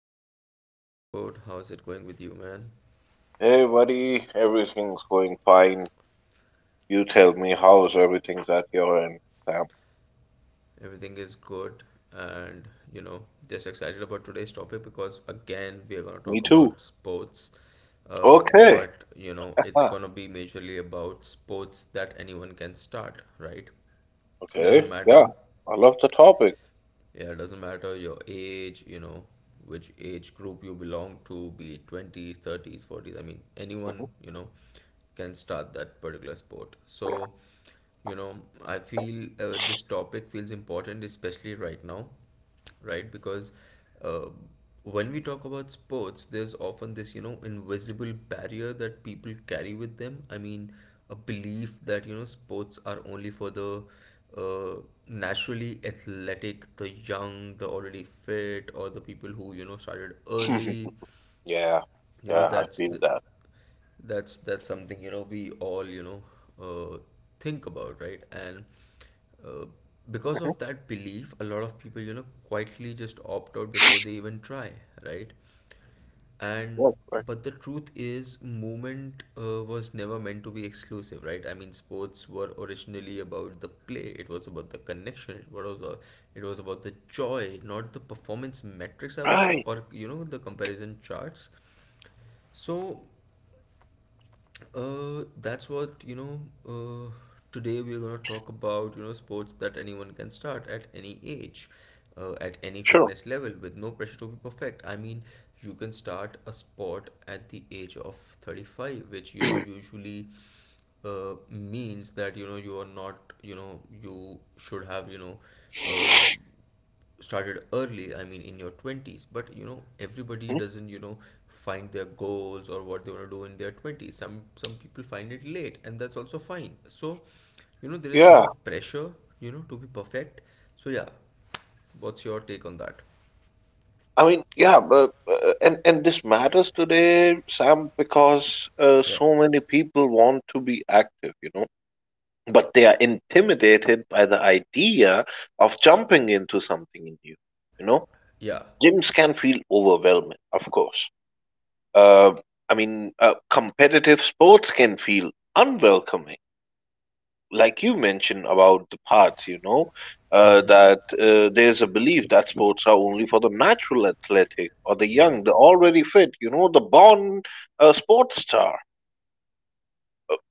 back to another episode. How's it going with you, man? Hey buddy, everything's going fine. You tell me how's everything's at your end, Sam? Everything is good, and you know, just excited about today's topic because again, we are gonna Me talk too. about sports. Uh, Okay. but you know, it's Huh. gonna be majorly about sports that anyone can start, right? Doesn't Okay. Yeah. matter. I love the topic. Yeah, it doesn't matter your age, you know, which age group you belong to, be it 20s, 30s, 40s. I mean, anyone, Mhm. you know, can start that particular sport. So, you know, I feel this topic feels important, especially right now, right? Because uh, when we talk about sports, there's often this, you know, invisible barrier that people carry with them. I mean, a belief that, you know, sports are only for the uh, naturally athletic, the young, the already fit, or the people who, you know, started early. yeah. You know, Yeah, I that's feel the that. that's that's something, you know, we all, you know, uh, think about, right? And uh, because Hmm of that belief, a lot of people, you know, quietly just opt out before they even try, right. and Yeah, correct. But the truth is, movement was never meant to be exclusive, right? I mean, sports were originally about the play, it was about the connection, it was it was about the joy, not the performance metrics, I would say, Right. or you know, the comparison charts. So that's what, you know. Uh, Today we're gonna talk about, you know, sports that anyone can start at any age, at any Sure. fitness level, with no pressure to be perfect. I mean, you can start a sport at the age of 35, which you know usually means that, you know, you are not, you know, you should have, you know. Uh, Started early, I mean in your 20s, but you know everybody Mhm. doesn't, you know, find their goals or what they want to do in their 20s. Some people find it late and that's also fine. So, you know, there is no Yeah. pressure, you know, to be perfect. So yeah, what's your take on that? I mean, yeah, but and this matters today, Sam, because Yeah, so many people want to be active, you know, but they are intimidated by the idea of jumping into something new, you know. yeah, Gyms can feel overwhelming, of course. Uh, I mean, competitive sports can feel unwelcoming. Like you mentioned about the paths, you know, that there's a belief that sports are only for the natural athletic or the yeah, young, the already fit, you know, the born sports star,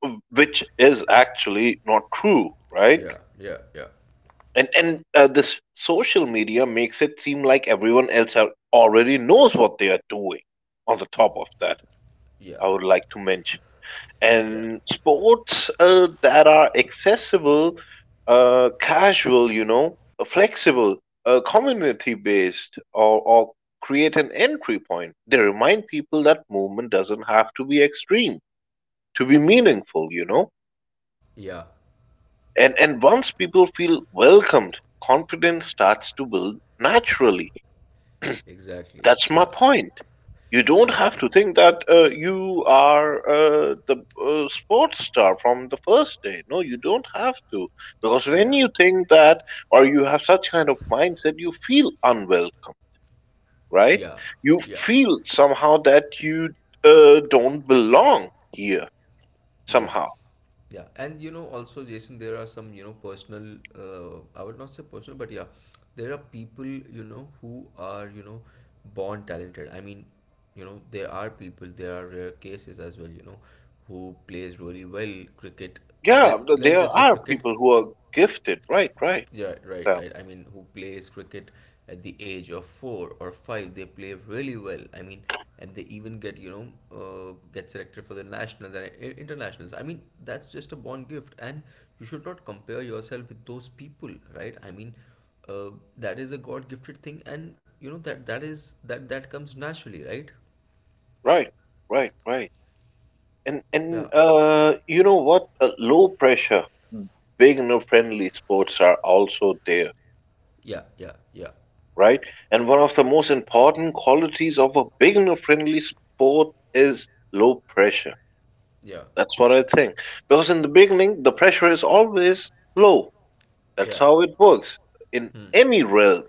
which is actually not true, right? yeah, yeah, yeah, And this social media makes it seem like everyone else are, already knows what they are doing. On the top of that yeah, I would like to mention. yeah, And sports that are accessible, casual, you know, flexible, community based, or create an entry point. They remind people that movement doesn't have to be extreme to be meaningful, you know. yeah, And once people feel welcomed, confidence starts to build naturally. exactly, That's my yeah, point. You don't yeah, have to think that you are the sports star from the first day. No, you don't have to. Because when yeah, you think that or you have such kind of mindset, you feel unwelcome, right? yeah, You yeah, feel somehow that you don't belong here yeah. somehow. Yeah, and you know, also, Jason, there are some, you know, personal, I would not say personal, but yeah, there are people, you know, who are, you know, born talented. I mean, you know, there are people, there are rare cases as well, you know, who plays really well cricket. Yeah, Let, let's there just say are cricket, people who are gifted, right, right, yeah, right, Sam, right. I mean, who plays cricket at the age of four or five, they play really well. I mean, and they even get, you know, get selected for the nationals and internationals. I mean, that's just a born gift, and you should not compare yourself with those people, right? I mean, uh, that is a God gifted thing, and you know that that is that comes naturally, right? right, right, right. And and Yeah, uh, you know what? Low pressure, beginner friendly sports are also there, yeah, yeah, yeah, right? And one of the most important qualities of a beginner friendly sport is low pressure. yeah, That's what I think. Because in the beginning, the pressure is always low. That's yeah. how it works in Hmm. any realm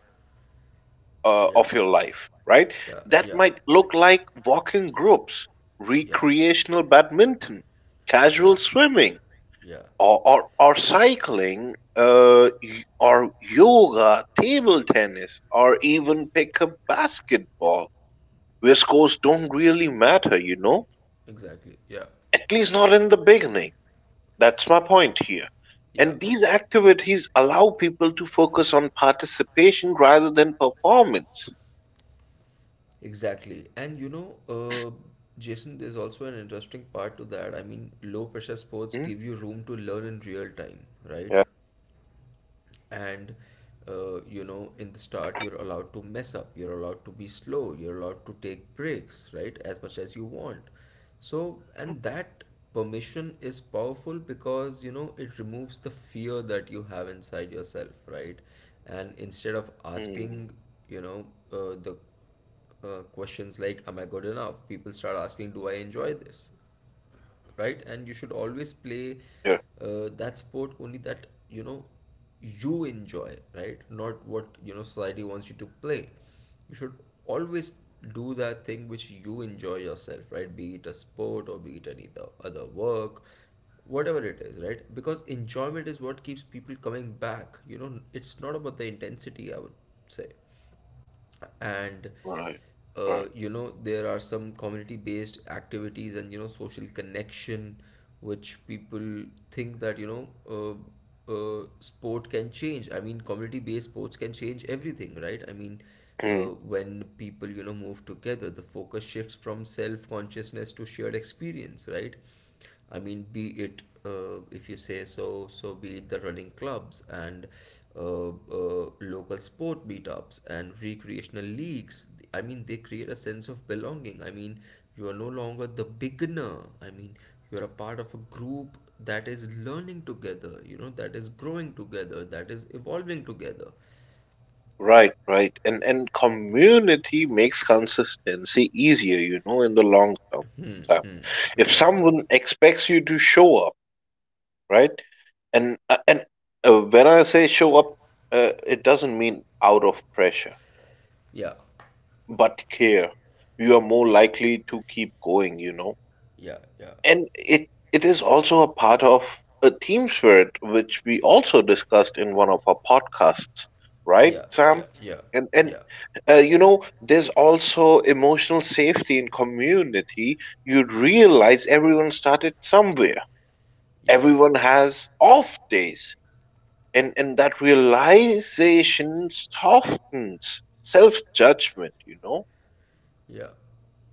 Yeah, of your life, right? yeah, That yeah, might look like walking groups, yeah, recreational badminton, yeah, casual swimming yeah. or cycling or yoga, table tennis, or even pick up basketball where scores don't really matter, you know, Exactly. Yeah. at least not in the beginning. That's my point here, Yeah. and these activities allow people to focus on participation rather than performance. Exactly. And you know, Jason, there's also an interesting part to that. I mean, low pressure sports Hmm? give you room to learn in real time, right? Yeah. And you know, in the start you're allowed to mess up, you're allowed to be slow, you're allowed to take breaks, right, as much as you want. So and that permission is powerful, because you know it removes the fear that you have inside yourself, right? And instead of Mm, asking, you know, the questions like am I good enough, people start asking, do I enjoy this, right? And you should always play yeah, that sport only that, you know, you enjoy, right, not what, you know, society wants you to play. You should always do that thing which you enjoy yourself, right, be it a sport or be it any other work, whatever it is, right? Because enjoyment is what keeps people coming back, you know, it's not about the intensity, I would say. And right, right, you know, there are some community based activities and you know social connection, which people think that you know, sport can change, I mean community based sports can change everything, right? I mean, mm, when people, you know, move together, the focus shifts from self consciousness to shared experience, right? I mean, be it if you say so be it the running clubs and local sport meetups and recreational leagues. I mean, they create a sense of belonging. I mean, you are no longer the beginner. I mean, you are a part of a group that is learning together. You know, that is growing together, that is evolving together. right, right, and community makes consistency easier, you know, in the long term. Hmm. So, Hmm. if Exactly. someone expects you to show up, right, and when I say show up, it doesn't mean out of pressure Yeah. but care, you are more likely to keep going, you know, Yeah. Yeah. and it is also a part of a team spirit which we also discussed in one of our podcasts, right, Yeah. Sam? Yeah. and and Yeah. uh, you know, there's also emotional safety in community. You realize everyone started somewhere, Yeah. everyone has off days, and that realization softens self-judgment, you know. Yeah. Yeah.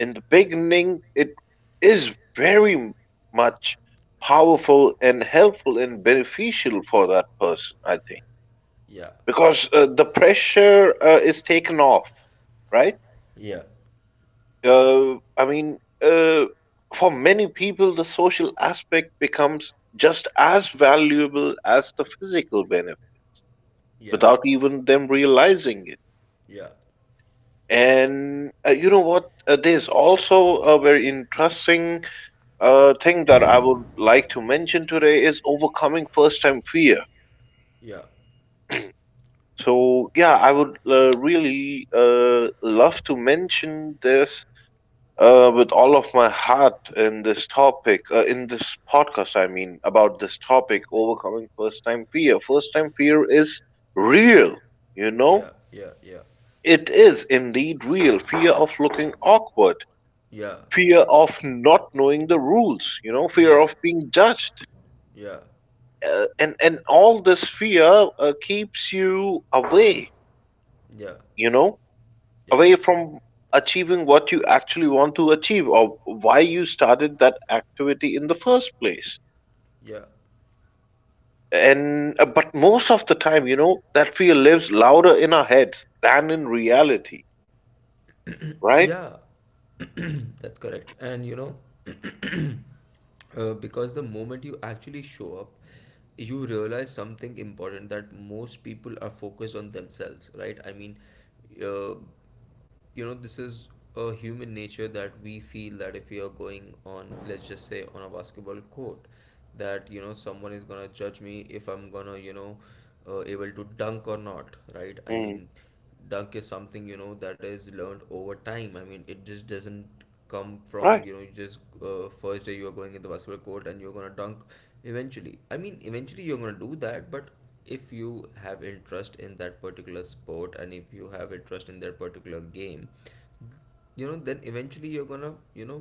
In the beginning it is very much powerful and helpful and beneficial for that person, I think, Yeah. because the pressure is taken off, right? Yeah. uh, i mean uh, for many people the social aspect becomes just as valuable as the physical benefit Yeah, without even them realizing it. yeah, And you know what? There's also a very interesting thing that I would like to mention today is overcoming first time fear. yeah, So yeah, I would really love to mention this with all of my heart in this topic, in this podcast. I mean about this topic, overcoming first time fear. First time fear is real, you know. yeah, yeah, It is indeed real. Fear of looking awkward, yeah, fear of not knowing the rules, you know, yeah, fear yeah, of being judged. yeah, And all this fear keeps you away, yeah, you know, yeah, away from achieving what you actually want to achieve or why you started that activity in the first place. yeah, And but most of the time, you know, that fear lives louder in our heads than in reality, right? yeah. That's correct. And you know, because the moment you actually show up, you realize something important, that most people are focused on themselves, right? I mean, uh, you know, this is a human nature that we feel that if we are going on, let's just say on a basketball court, that you know someone is gonna judge me if I'm gonna, you know, able to dunk or not, right? I Mm. mean, dunk is something, you know, that is learned over time. I mean, it just doesn't come from, Right, you know, you just first day you are going in the basketball court and you're going to dunk. Eventually, I mean eventually you're going to do that, but if you have interest in that particular sport and if you have interest in that particular game, you know then eventually you're going to, you know,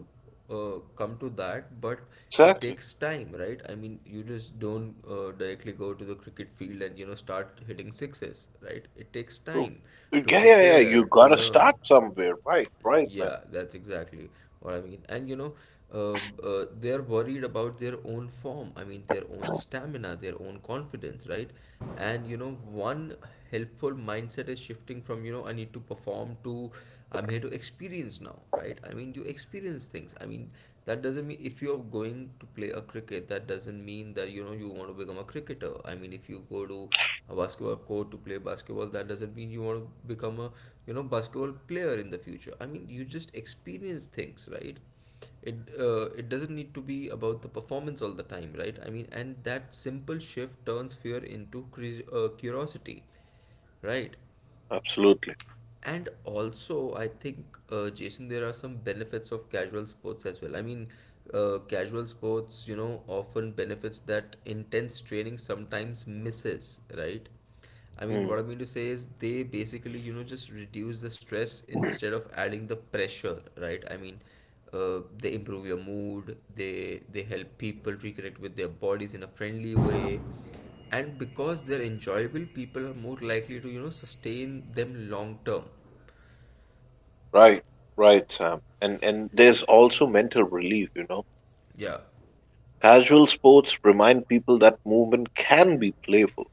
come to that, but it exactly. takes time, right? I mean, you just don't directly go to the cricket field and you know start hitting sixes, right? It takes So, time yeah, to yeah, yeah. prepare, You to gotta learn. start somewhere, right? Right, man. Yeah, that's exactly what I mean. And you know, uh, they're worried about their own form. I mean, their own stamina, their own confidence, right? And you know, one helpful mindset is shifting from, you know, I need to perform, to I'm here to experience now, right? I mean, you experience things. I mean, that doesn't mean if you're going to play a cricket, that doesn't mean that, you know, you want to become a cricketer. I mean, if you go to a basketball court to play basketball, that doesn't mean you want to become a, you know, basketball player in the future. I mean, you just experience things, right? It doesn't need to be about the performance all the time, right? I mean, and that simple shift turns fear into curiosity, right? Absolutely. And also, I think, Jason, there are some benefits of casual sports as well. I mean, casual sports, you know, often benefits that intense training sometimes misses, right? I mean, what Hmm. I mean to say is they basically, you know, just reduce the stress instead of adding the pressure, right? I mean, they improve your mood, they help people reconnect with their bodies in a friendly way, and because they're enjoyable, people are more likely to, you know, sustain them long term. Right, right, Sam. And there's also mental relief. You know, Yeah, casual sports remind people that movement can be playful.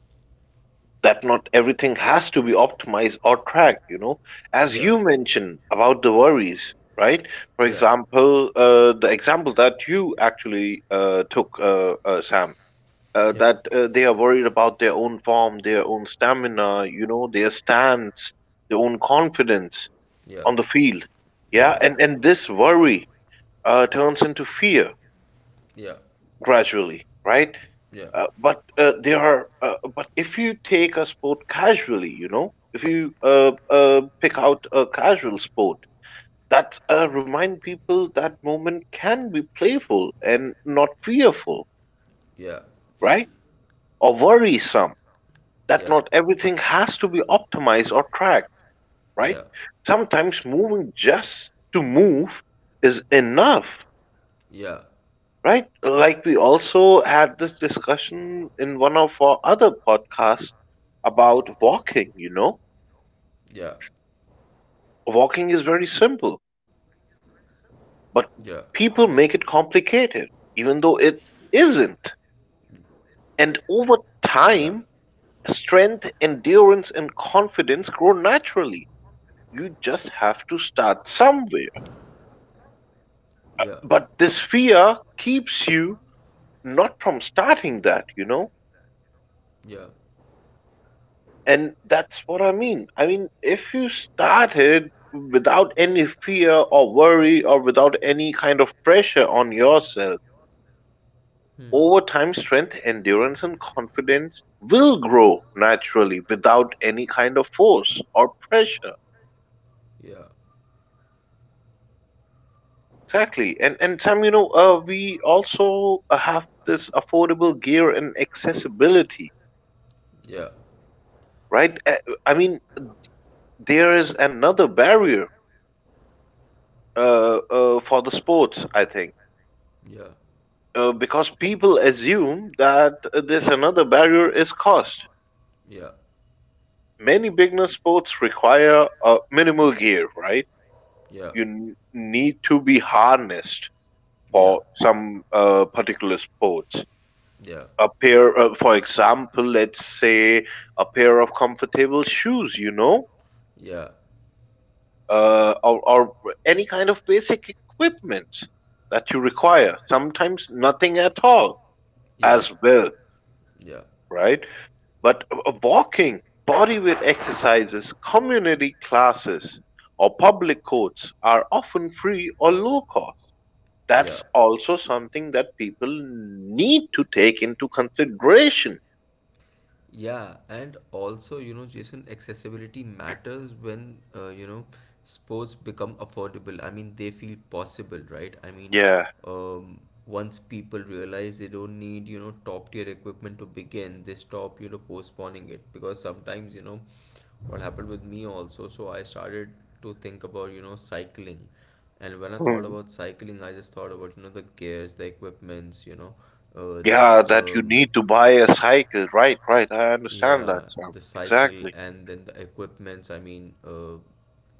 That not everything has to be optimized or tracked. You know, as yeah, you mentioned about the worries, right? For yeah, example, the example that you actually took, Sam, yeah, that they are worried about their own form, their own stamina, you know, their stance, their own confidence yeah, on the field. yeah, Yeah, and this worry turns into fear yeah, gradually, right? But if you take a sport casually, you know, if you pick out a casual sport, that remind people that moment can be playful and not fearful, yeah, right? Or worrisome, that yeah, not everything has to be optimized or tracked, yeah, right? yeah, Sometimes moving just to move is enough, yeah, right? Like we also had this discussion in one of our other podcasts about walking, you know? yeah, Walking is very simple, yeah, but people make it complicated, even though it isn't. yeah, And over time, strength, endurance, and confidence grow naturally. You just have to start somewhere. yeah, But this fear keeps you not from starting that, you know? yeah. And that's what I mean. I mean, if you started without any fear or worry or without any kind of pressure on yourself, Hmm. over time, strength, endurance, and confidence will grow naturally without any kind of force or pressure. Yeah, Exactly. And Sam, you know, we also have this affordable gear and accessibility, yeah, right? I mean, there is another barrier for the sports, I think, yeah, because people assume that this another barrier is cost. yeah, Many beginner sports require minimal gear, right? yeah, You need to be harnessed yeah, for some particular sports. yeah, A pair, for example, let's say a pair of comfortable shoes, you know, yeah, or any kind of basic equipment that you require. Sometimes nothing at all yeah, as well, yeah, right? But walking, bodyweight exercises, community classes, or public courts are often free or low cost. yeah. That's also something that people need to take into consideration. Yeah, and also, you know, Jason, accessibility matters when, you know, sports become affordable. I mean, they feel possible, right? I mean, Yeah. um, once people realize they don't need, you know, top tier equipment to begin, they stop, you know, postponing it. Because sometimes, you know, what happened with me also, so I started to think about, you know, cycling. And when I thought Mm. about cycling, I just thought about, you know, the gears, the equipments, you know, uh, Yeah, that you um, need to buy a cycle. Right, right. I understand that, yeah, Sam. the cycle Exactly. and then the equipments. I mean,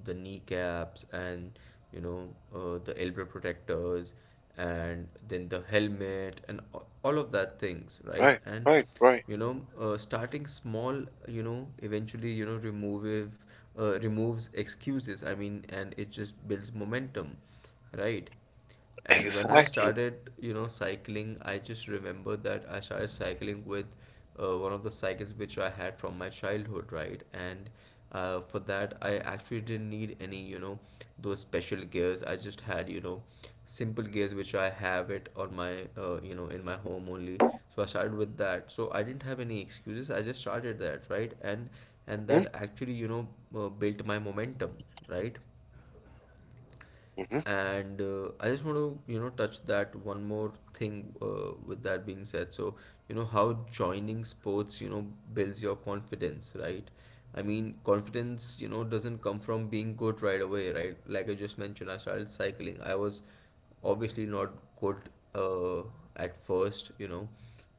the kneecaps and you know the elbow protectors and then the helmet and all of that things, right? Right, And right, right. you know, starting small, you know, eventually you know removes excuses. I mean, and it just builds momentum, right? And when I Exactly. started, you know, cycling, I just remember that I started cycling with one of the cycles which I had from my childhood, right? And for that, I actually didn't need any, you know, those special gears. I just had, you know, simple gears which I have it on my, you know, in my home only. So I started with that. So I didn't have any excuses. I just started that, right? And hmm that actually, you know, built my momentum, right? hmm And I just want to touch that one more thing. With that being said, how joining sports, builds your confidence, right? I mean, confidence, you know, doesn't come from being good right away, right? Like I just mentioned, I started cycling. I was obviously not good uh, at first, you know.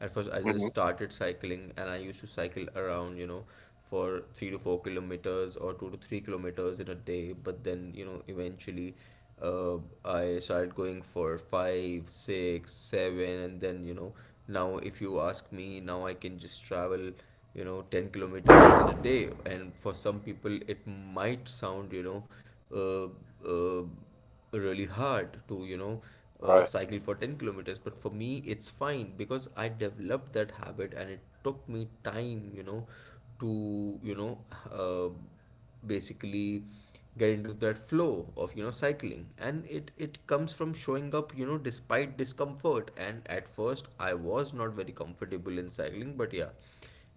At first, I just hmm started cycling and I used to cycle around, you know, for 3 to 4 kilometers or 2 to 3 kilometers in a day. But then, you know, eventually uh, I started going for five, six, seven, and then, you know, now if you ask me, now I can just travel, you know, 10 kilometers in a day. And for some people it might sound, you know, uh, uh, really hard to, you know, Right, cycle for 10 kilometers, but for me it's fine because I developed that habit and it took me time, you know, to, you know, uh, basically get into that flow of, you know, cycling. And it comes from showing up, you know, despite discomfort. And at first I was not very comfortable in cycling, but yeah,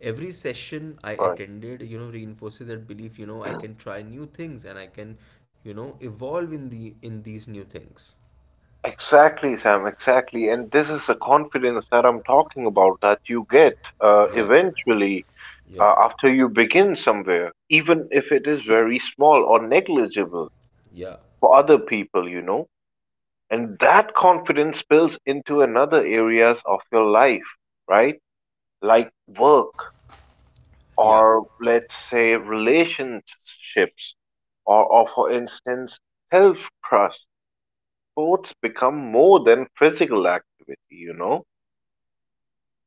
every session I right. attended, you know, reinforces that belief, you know, I can try new things and I can, you know, evolve in these new things. Exactly, Sam. Exactly. And this is the confidence that I'm talking about that you get Yeah. eventually Yeah. After you begin somewhere, even if it is very small or negligible Yeah. for other people, you know. And that confidence spills into another areas of your life, right? Like work Yeah. or let's say relationships or for instance, self-trust, sports become more than physical activity, you know?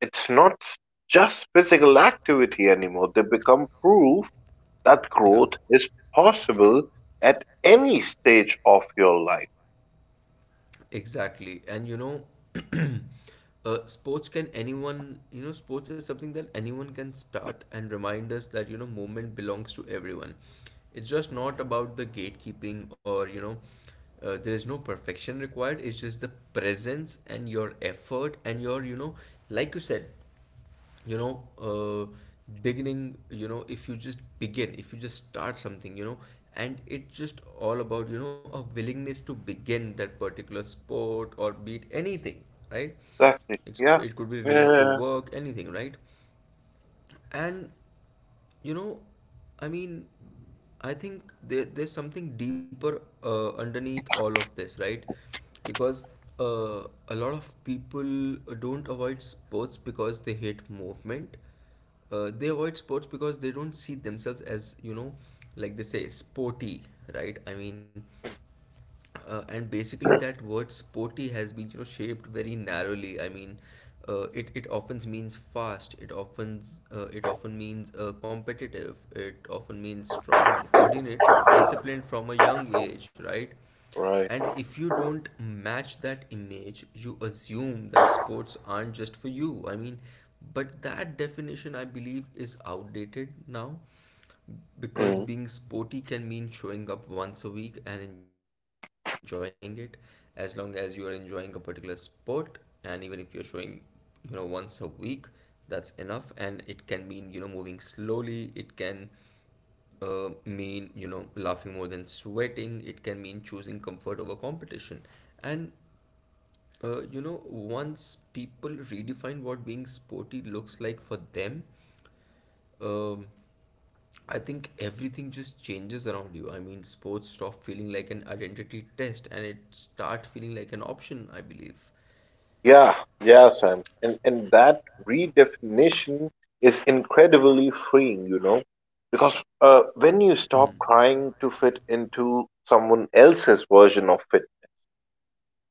It's not just physical activity anymore. They become proof that Yeah. growth is possible at any stage of your life. Exactly. And you know, sports can anyone, you know, sports is something that anyone can start and remind us that, you know, movement belongs to everyone. It's just not about the gatekeeping or, you know, there is no perfection required. It's just the presence and your effort and your, you know, like you said, you know uh, beginning, you know, if you just begin, if you just start something, you know. And it's just all about, you know, a willingness to begin that particular sport or beat anything, right? Exactly. Yeah. It could be related to Yeah. work, anything, right? And you know, I mean, I think there's something deeper underneath all of this, right? Because uh, a lot of people don't avoid sports because they hate movement. They avoid sports because they don't see themselves as, you know, like they say, sporty, right? I mean, and basically that word sporty has been, you know, shaped very narrowly. I mean, it often means fast, it often, it often means, competitive, it often means strong, coordinated, disciplined from a young age, right? Right. And if you don't match that image, you assume that sports aren't just for you. I mean, but that definition, I believe, is outdated now, because Mm. being sporty can mean showing up once a week and enjoying it, as long as you are enjoying a particular sport. And even if you're showing, you know, once a week, that's enough. And it can mean, you know, moving slowly. It can mean, you know, laughing more than sweating. It can mean choosing comfort over competition. And you know, once people redefine what being sporty looks like for them, um, I think everything just changes around you. I mean, sports stop feeling like an identity test and it start feeling like an option, I believe. Yeah. Yeah, Sam. And that redefinition is incredibly freeing, you know? Because when you stop Hmm. trying to fit into someone else's version of fitness,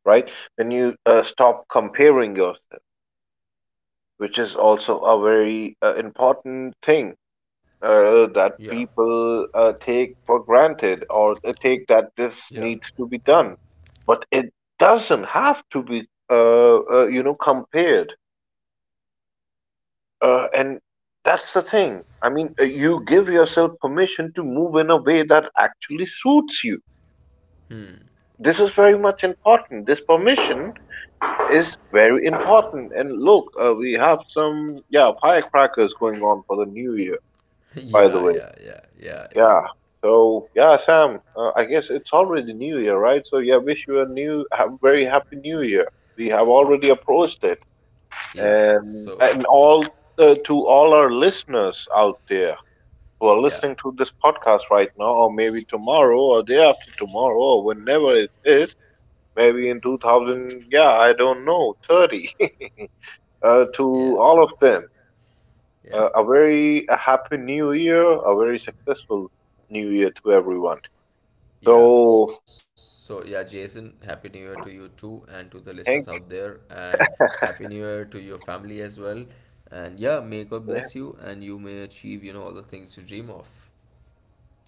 right? When you stop comparing yourself, which is also a very important thing that Yeah. people take for granted or they take Yeah. that this needs to be done. But it doesn't have to be, uh, you know, compared. And that's the thing. I mean, you give yourself permission to move in a way that actually suits you. Hmm. This is very much important. This permission is very important. And look, we have some yeah firecrackers going on for the new year, by the Yeah, way. yeah, yeah, yeah, yeah. Yeah. So yeah, Sam. I guess it's already New Year, right? So yeah, wish you a new, a very happy New Year. We have already approached it, Yeah. So, and all to all our listeners out there who are yeah. listening to this podcast right now, or maybe tomorrow, or day after tomorrow, or whenever it is, maybe in 2000. Yeah, I don't know, 30. To Yeah. all of them, Yeah. a very a happy new year, a very successful new year to everyone. Yeah. So, So, yeah, Jason, happy new year to you too and to the listeners thank out there, and happy new year to your family as well. And yeah, may God yeah, bless you and you may achieve, you know, all the things you dream of.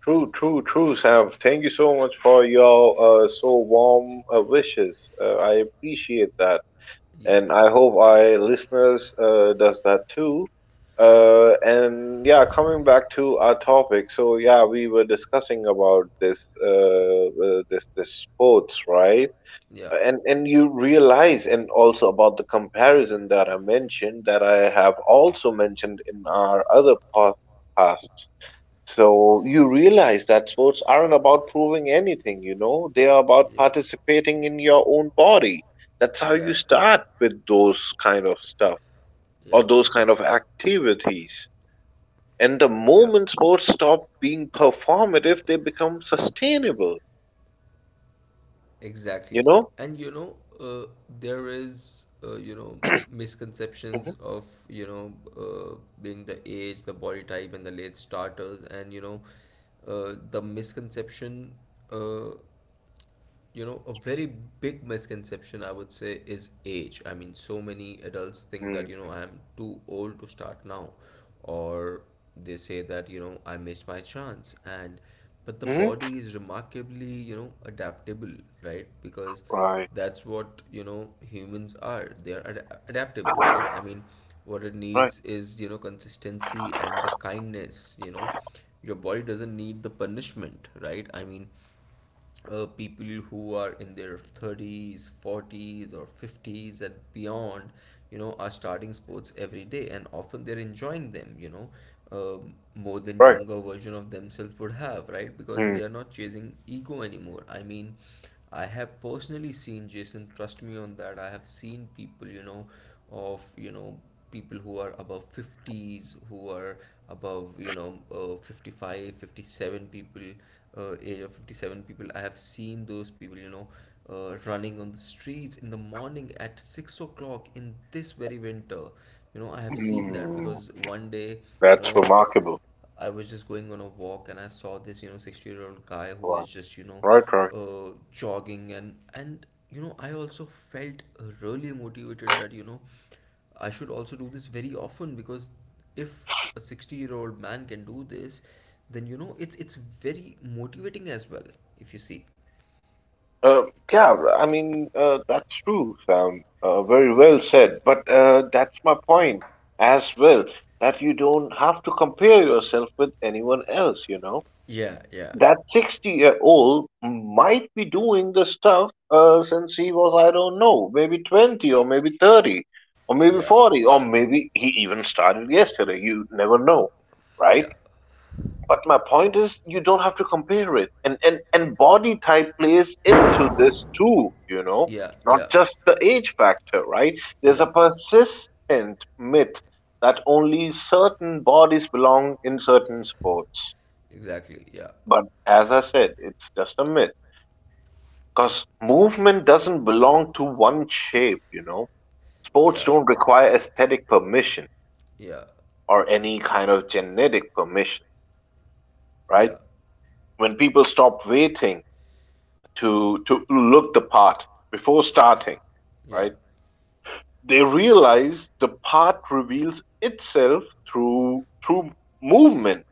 true, true, true, Sam. Thank you so much for your so warm wishes. I appreciate that, Yeah. and I hope our listeners does that too. And yeah, coming back to our topic. So yeah, we were discussing about this this sports, right? Yeah, And you realize, and also about the comparison that I mentioned, that I have also mentioned in our other podcasts, so you realize that sports aren't about proving anything, you know, they are about yeah, participating in your own body. That's how you yeah, start with those kind of stuff or yeah, those kind of activities, and the yeah, moment sports stop being performative they become sustainable, you exactly. know. And you know, there is, you know, misconceptions Mhm. of, you know, uh, being the age, the body type, and the late starters. And, you know, uh, the misconception uh, a very big misconception, I would say, is age. I mean, so many adults think that, you Mm, know, I am too old to start now, or they say that, you know, I missed my chance. And but the mhm. body is remarkably, you know, adaptable, right? Because Right, that's what, you know, humans are, they are adaptable, right? I mean, what it right. needs is, you know, consistency and the kindness, you know. Your body doesn't need the punishment, right? I mean, people who are in their 30s, 40s, or 50s and beyond, you know, are starting sports every day, and often they're enjoying them, you know, more than Right. younger version of themselves would have, right? Because Mm. they are not chasing ego anymore. I mean, I have personally seen, Jason, trust me on that. I have seen people, you know, of, you know, people who are above 50s, who are above, you know, 55, 57 people, age of 57 people, I have seen those people, you know, running on the streets in the morning at 6 o'clock in this very winter. You know, I have seen that, Mm. because one day, you That's know, remarkable. I was just going on a walk and I saw this, you know, 60-year-old guy who Right. is just, you know, Right. Right. Jogging. And you know, I also felt really motivated that, you know, I should also do this very often, because if a 60-year-old man can do this, then you know, it's very motivating as well, if you see. Uh, yeah. I mean, that's true, Sam. Very well said. But that's my point as well. That you don't have to compare yourself with anyone else. You know Yeah, yeah. that 60-year-old might be doing the stuff since he was, I don't know, maybe 20 or maybe 30 or maybe Yeah. 40 or maybe he even started yesterday. You never know, right? Yeah. But my point is, you don't have to compare it, and body type plays into this too. You know, Yeah, not yeah. just the age factor, right? There's a Yeah. persistent myth that only certain bodies belong in certain sports. Exactly. Yeah. But as I said, it's just a myth because movement doesn't belong to one shape. You know, sports Yeah. don't require aesthetic permission Yeah. or any kind of genetic permission, right? Yeah. When people stop waiting to look the part before starting, Yeah. right? They realize the part reveals itself through movement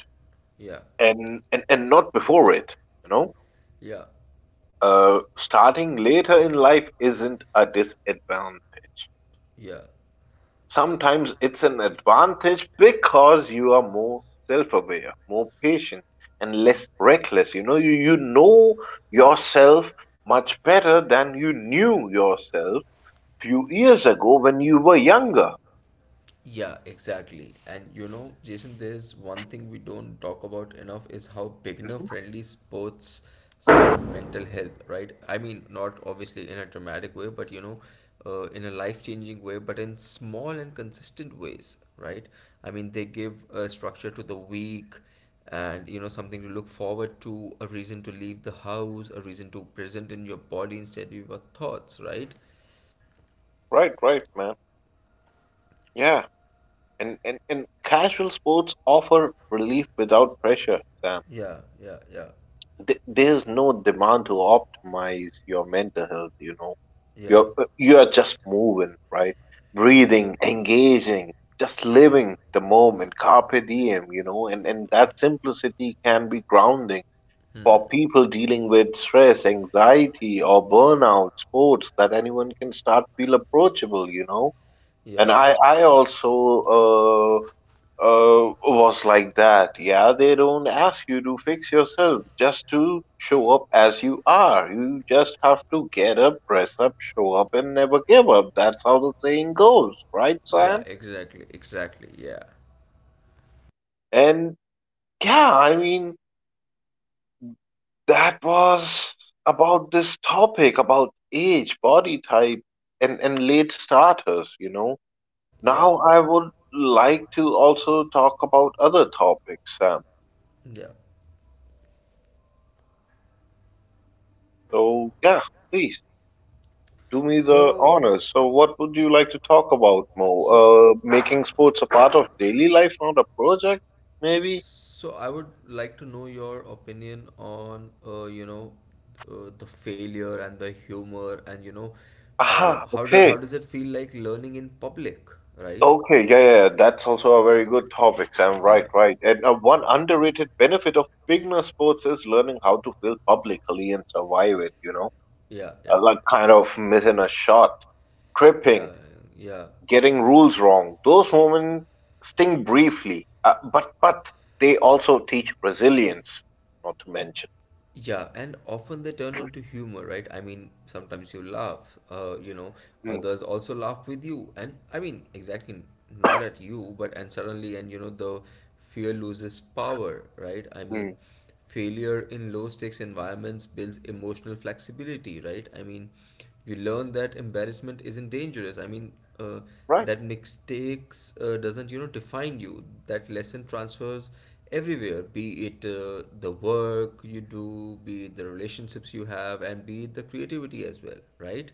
Yeah. and not before it. You know, Yeah, Starting later in life isn't a disadvantage. yeah, Sometimes it's an advantage because you are more self-aware, more patient, and less reckless. You know, you know yourself much better than you knew yourself few years ago when you were younger. yeah, exactly. And you know, Jason, there is one thing we don't talk about enough is how Mhm. beginner-friendly sports support mental health, right? I mean, not obviously in a dramatic way, but you know, in a life-changing way, but in small and consistent ways, right? I mean, they give a structure to the week and, you know, something to look forward to, a reason to leave the house, a reason to present in your body instead of your thoughts, right? Right, right, man. Yeah. And casual sports offer relief without pressure, Sam. Yeah, yeah, yeah, There's no demand to optimize your mental health, you know. yeah. You're just moving, right? Yeah. Breathing, engaging, just Yeah. living the moment, carpe diem, and that simplicity can be grounding for Hmm. people dealing with stress, anxiety, or burnout, sports that anyone can start feel approachable, you know. And Yeah. I also was like that. Yeah, they don't ask you to fix yourself, just to show up as you are. You just have to get up, dress up, show up, and never give up. That's how the saying goes, right, Yeah, Sam? exactly. Exactly. Yeah. And yeah, I mean, that was about this topic about age, body type, and late starters, you know. Yeah. Now I would like to also talk about other topics, Sam. Yeah. So, yeah, please do me the So, honors. So, what would you like to talk about more? so, Making sports a part of daily life, not a project, maybe? I would like to know your opinion on, you know, the failure and the humor and, you know, Aha, okay. how does it feel like learning in public, right? Okay, yeah, yeah, yeah, that's also a very good topic, Sam. Right, Yeah. right. And one underrated benefit of beginner sports is learning how to fail publicly and survive it, you know, Yeah. Yeah. like kind of missing a shot, tripping, Yeah. getting rules wrong. Those moments sting briefly, but they also teach resilience, not to Yeah. mention. Yeah, and often they turn into humor, right? I mean, sometimes you laugh, you know, Mm, others also laugh with you, and I mean, exactly not at you, but and suddenly, and you know, the fear loses power, right? I mm, mean, failure in low stakes environments builds emotional flexibility, right? I mean, you learn that embarrassment isn't dangerous. I mean, uh, right. that mistakes doesn't, you know, define you. That lesson transfers everywhere, be it the work you do, be it the relationships you have, and be it the creativity as well, right?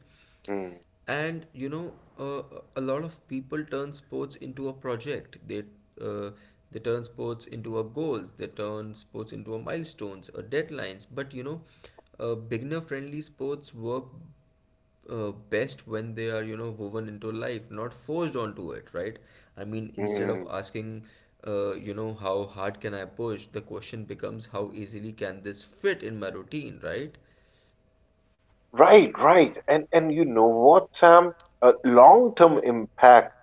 Mm, And you know, uh, a lot of people turn sports into a project. They uh, they turn sports into a goals, they turn sports into a milestones or deadlines. But you know, beginner friendly sports work best when they are, you know, woven into life, not forced onto it, right? I mean, instead of mm. asking, you know, how hard can I push, the question becomes, how easily can this fit in my routine, right? Right, right. And you know what, Sam? Long-term impact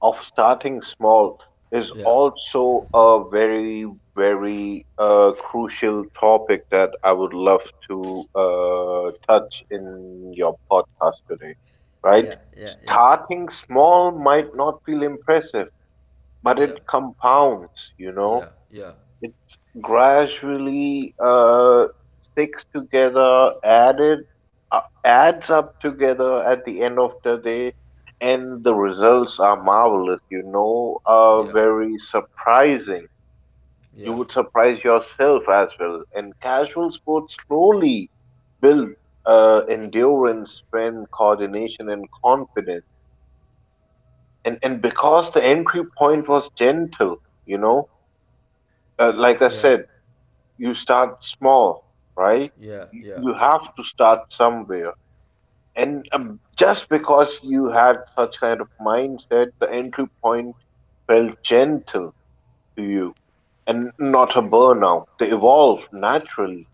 of starting small is Yeah, also a very, very crucial topic that I would love to touch in your podcast today, right? yeah, yeah, yeah. Starting small might not feel impressive, but Yeah. it compounds, you know? Yeah. Yeah. It gradually sticks together, added adds up together at the end of the day, and the results are marvelous. You know, Yeah. very surprising. You Yeah. would surprise yourself as well. And casual sports slowly build endurance, strength, coordination, and confidence. And because the entry point was gentle, you know, like I Yeah. said. You start small, right? Yeah. You Yeah. you have to start somewhere. And just because you had such kind of mindset, the entry point felt gentle to you and not a burnout. They evolved naturally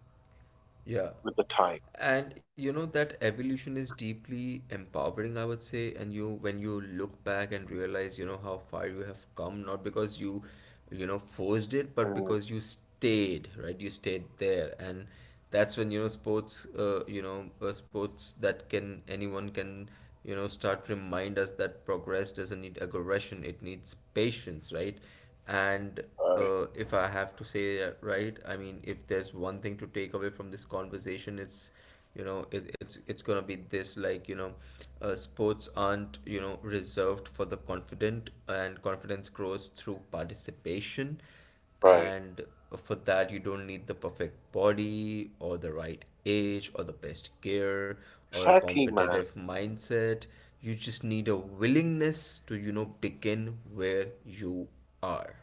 Yeah. with the time. And you know, that evolution is deeply empowering, I would say. And you, when you look back and realize, you know, how far you have come, not because you know, forced it, but Mm, because you stayed, right? You stayed there, and that's when you know sports, sports that can anyone can, you know, start, remind us that progress doesn't need aggression; it needs patience, right? And right, if I have to say, right, I mean, if there's one thing to take away from this conversation, it's, you know, it's gonna be this, like, you know, sports aren't, you know, reserved for the confident, and confidence grows through participation. right. And for that, you don't need the perfect body or the right age or the best gear or a Exactly, man. competitive mindset. You just need a willingness to, you know, begin where you are.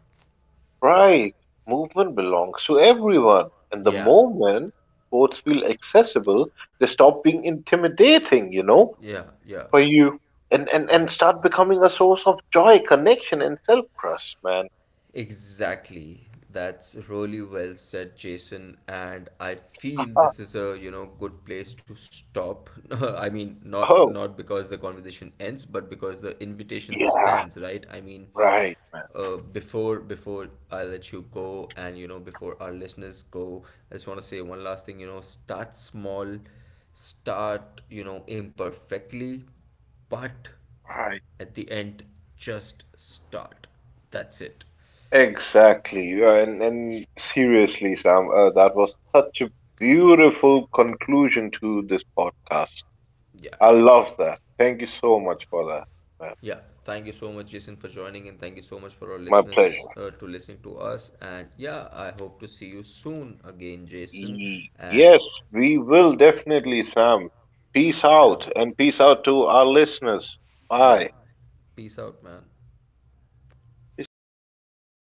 Right. Movement belongs to everyone. And the Yeah, moment sports feel accessible, they stop being intimidating, you know? yeah, yeah, For you and, and, yeah. and start becoming a source of joy, connection, and self trust, man. Exactly. That's really well said, Jason. And I feel Uh, this is a, you know, good place to stop. I mean, not oh, not because the conversation ends, but because the invitation yeah, stands, right? I mean, right, before I let you go, and, you know, before our listeners go, I just want to say one last thing, you know. Start small, start, you know, imperfectly, but right. at the end, just start. That's it. Exactly. And seriously, Sam, that was such a beautiful conclusion to this podcast. Yeah. I love that. Thank you so much for that, man. Yeah, thank you so much, Jason, for joining, and thank you so much for our My listeners pleasure. To listening to us. And yeah, I hope to see you soon again, Jason. And Yes, we will definitely, Sam. Peace yeah, out, and peace out to our listeners. yeah, Bye. peace out, man. Peace out.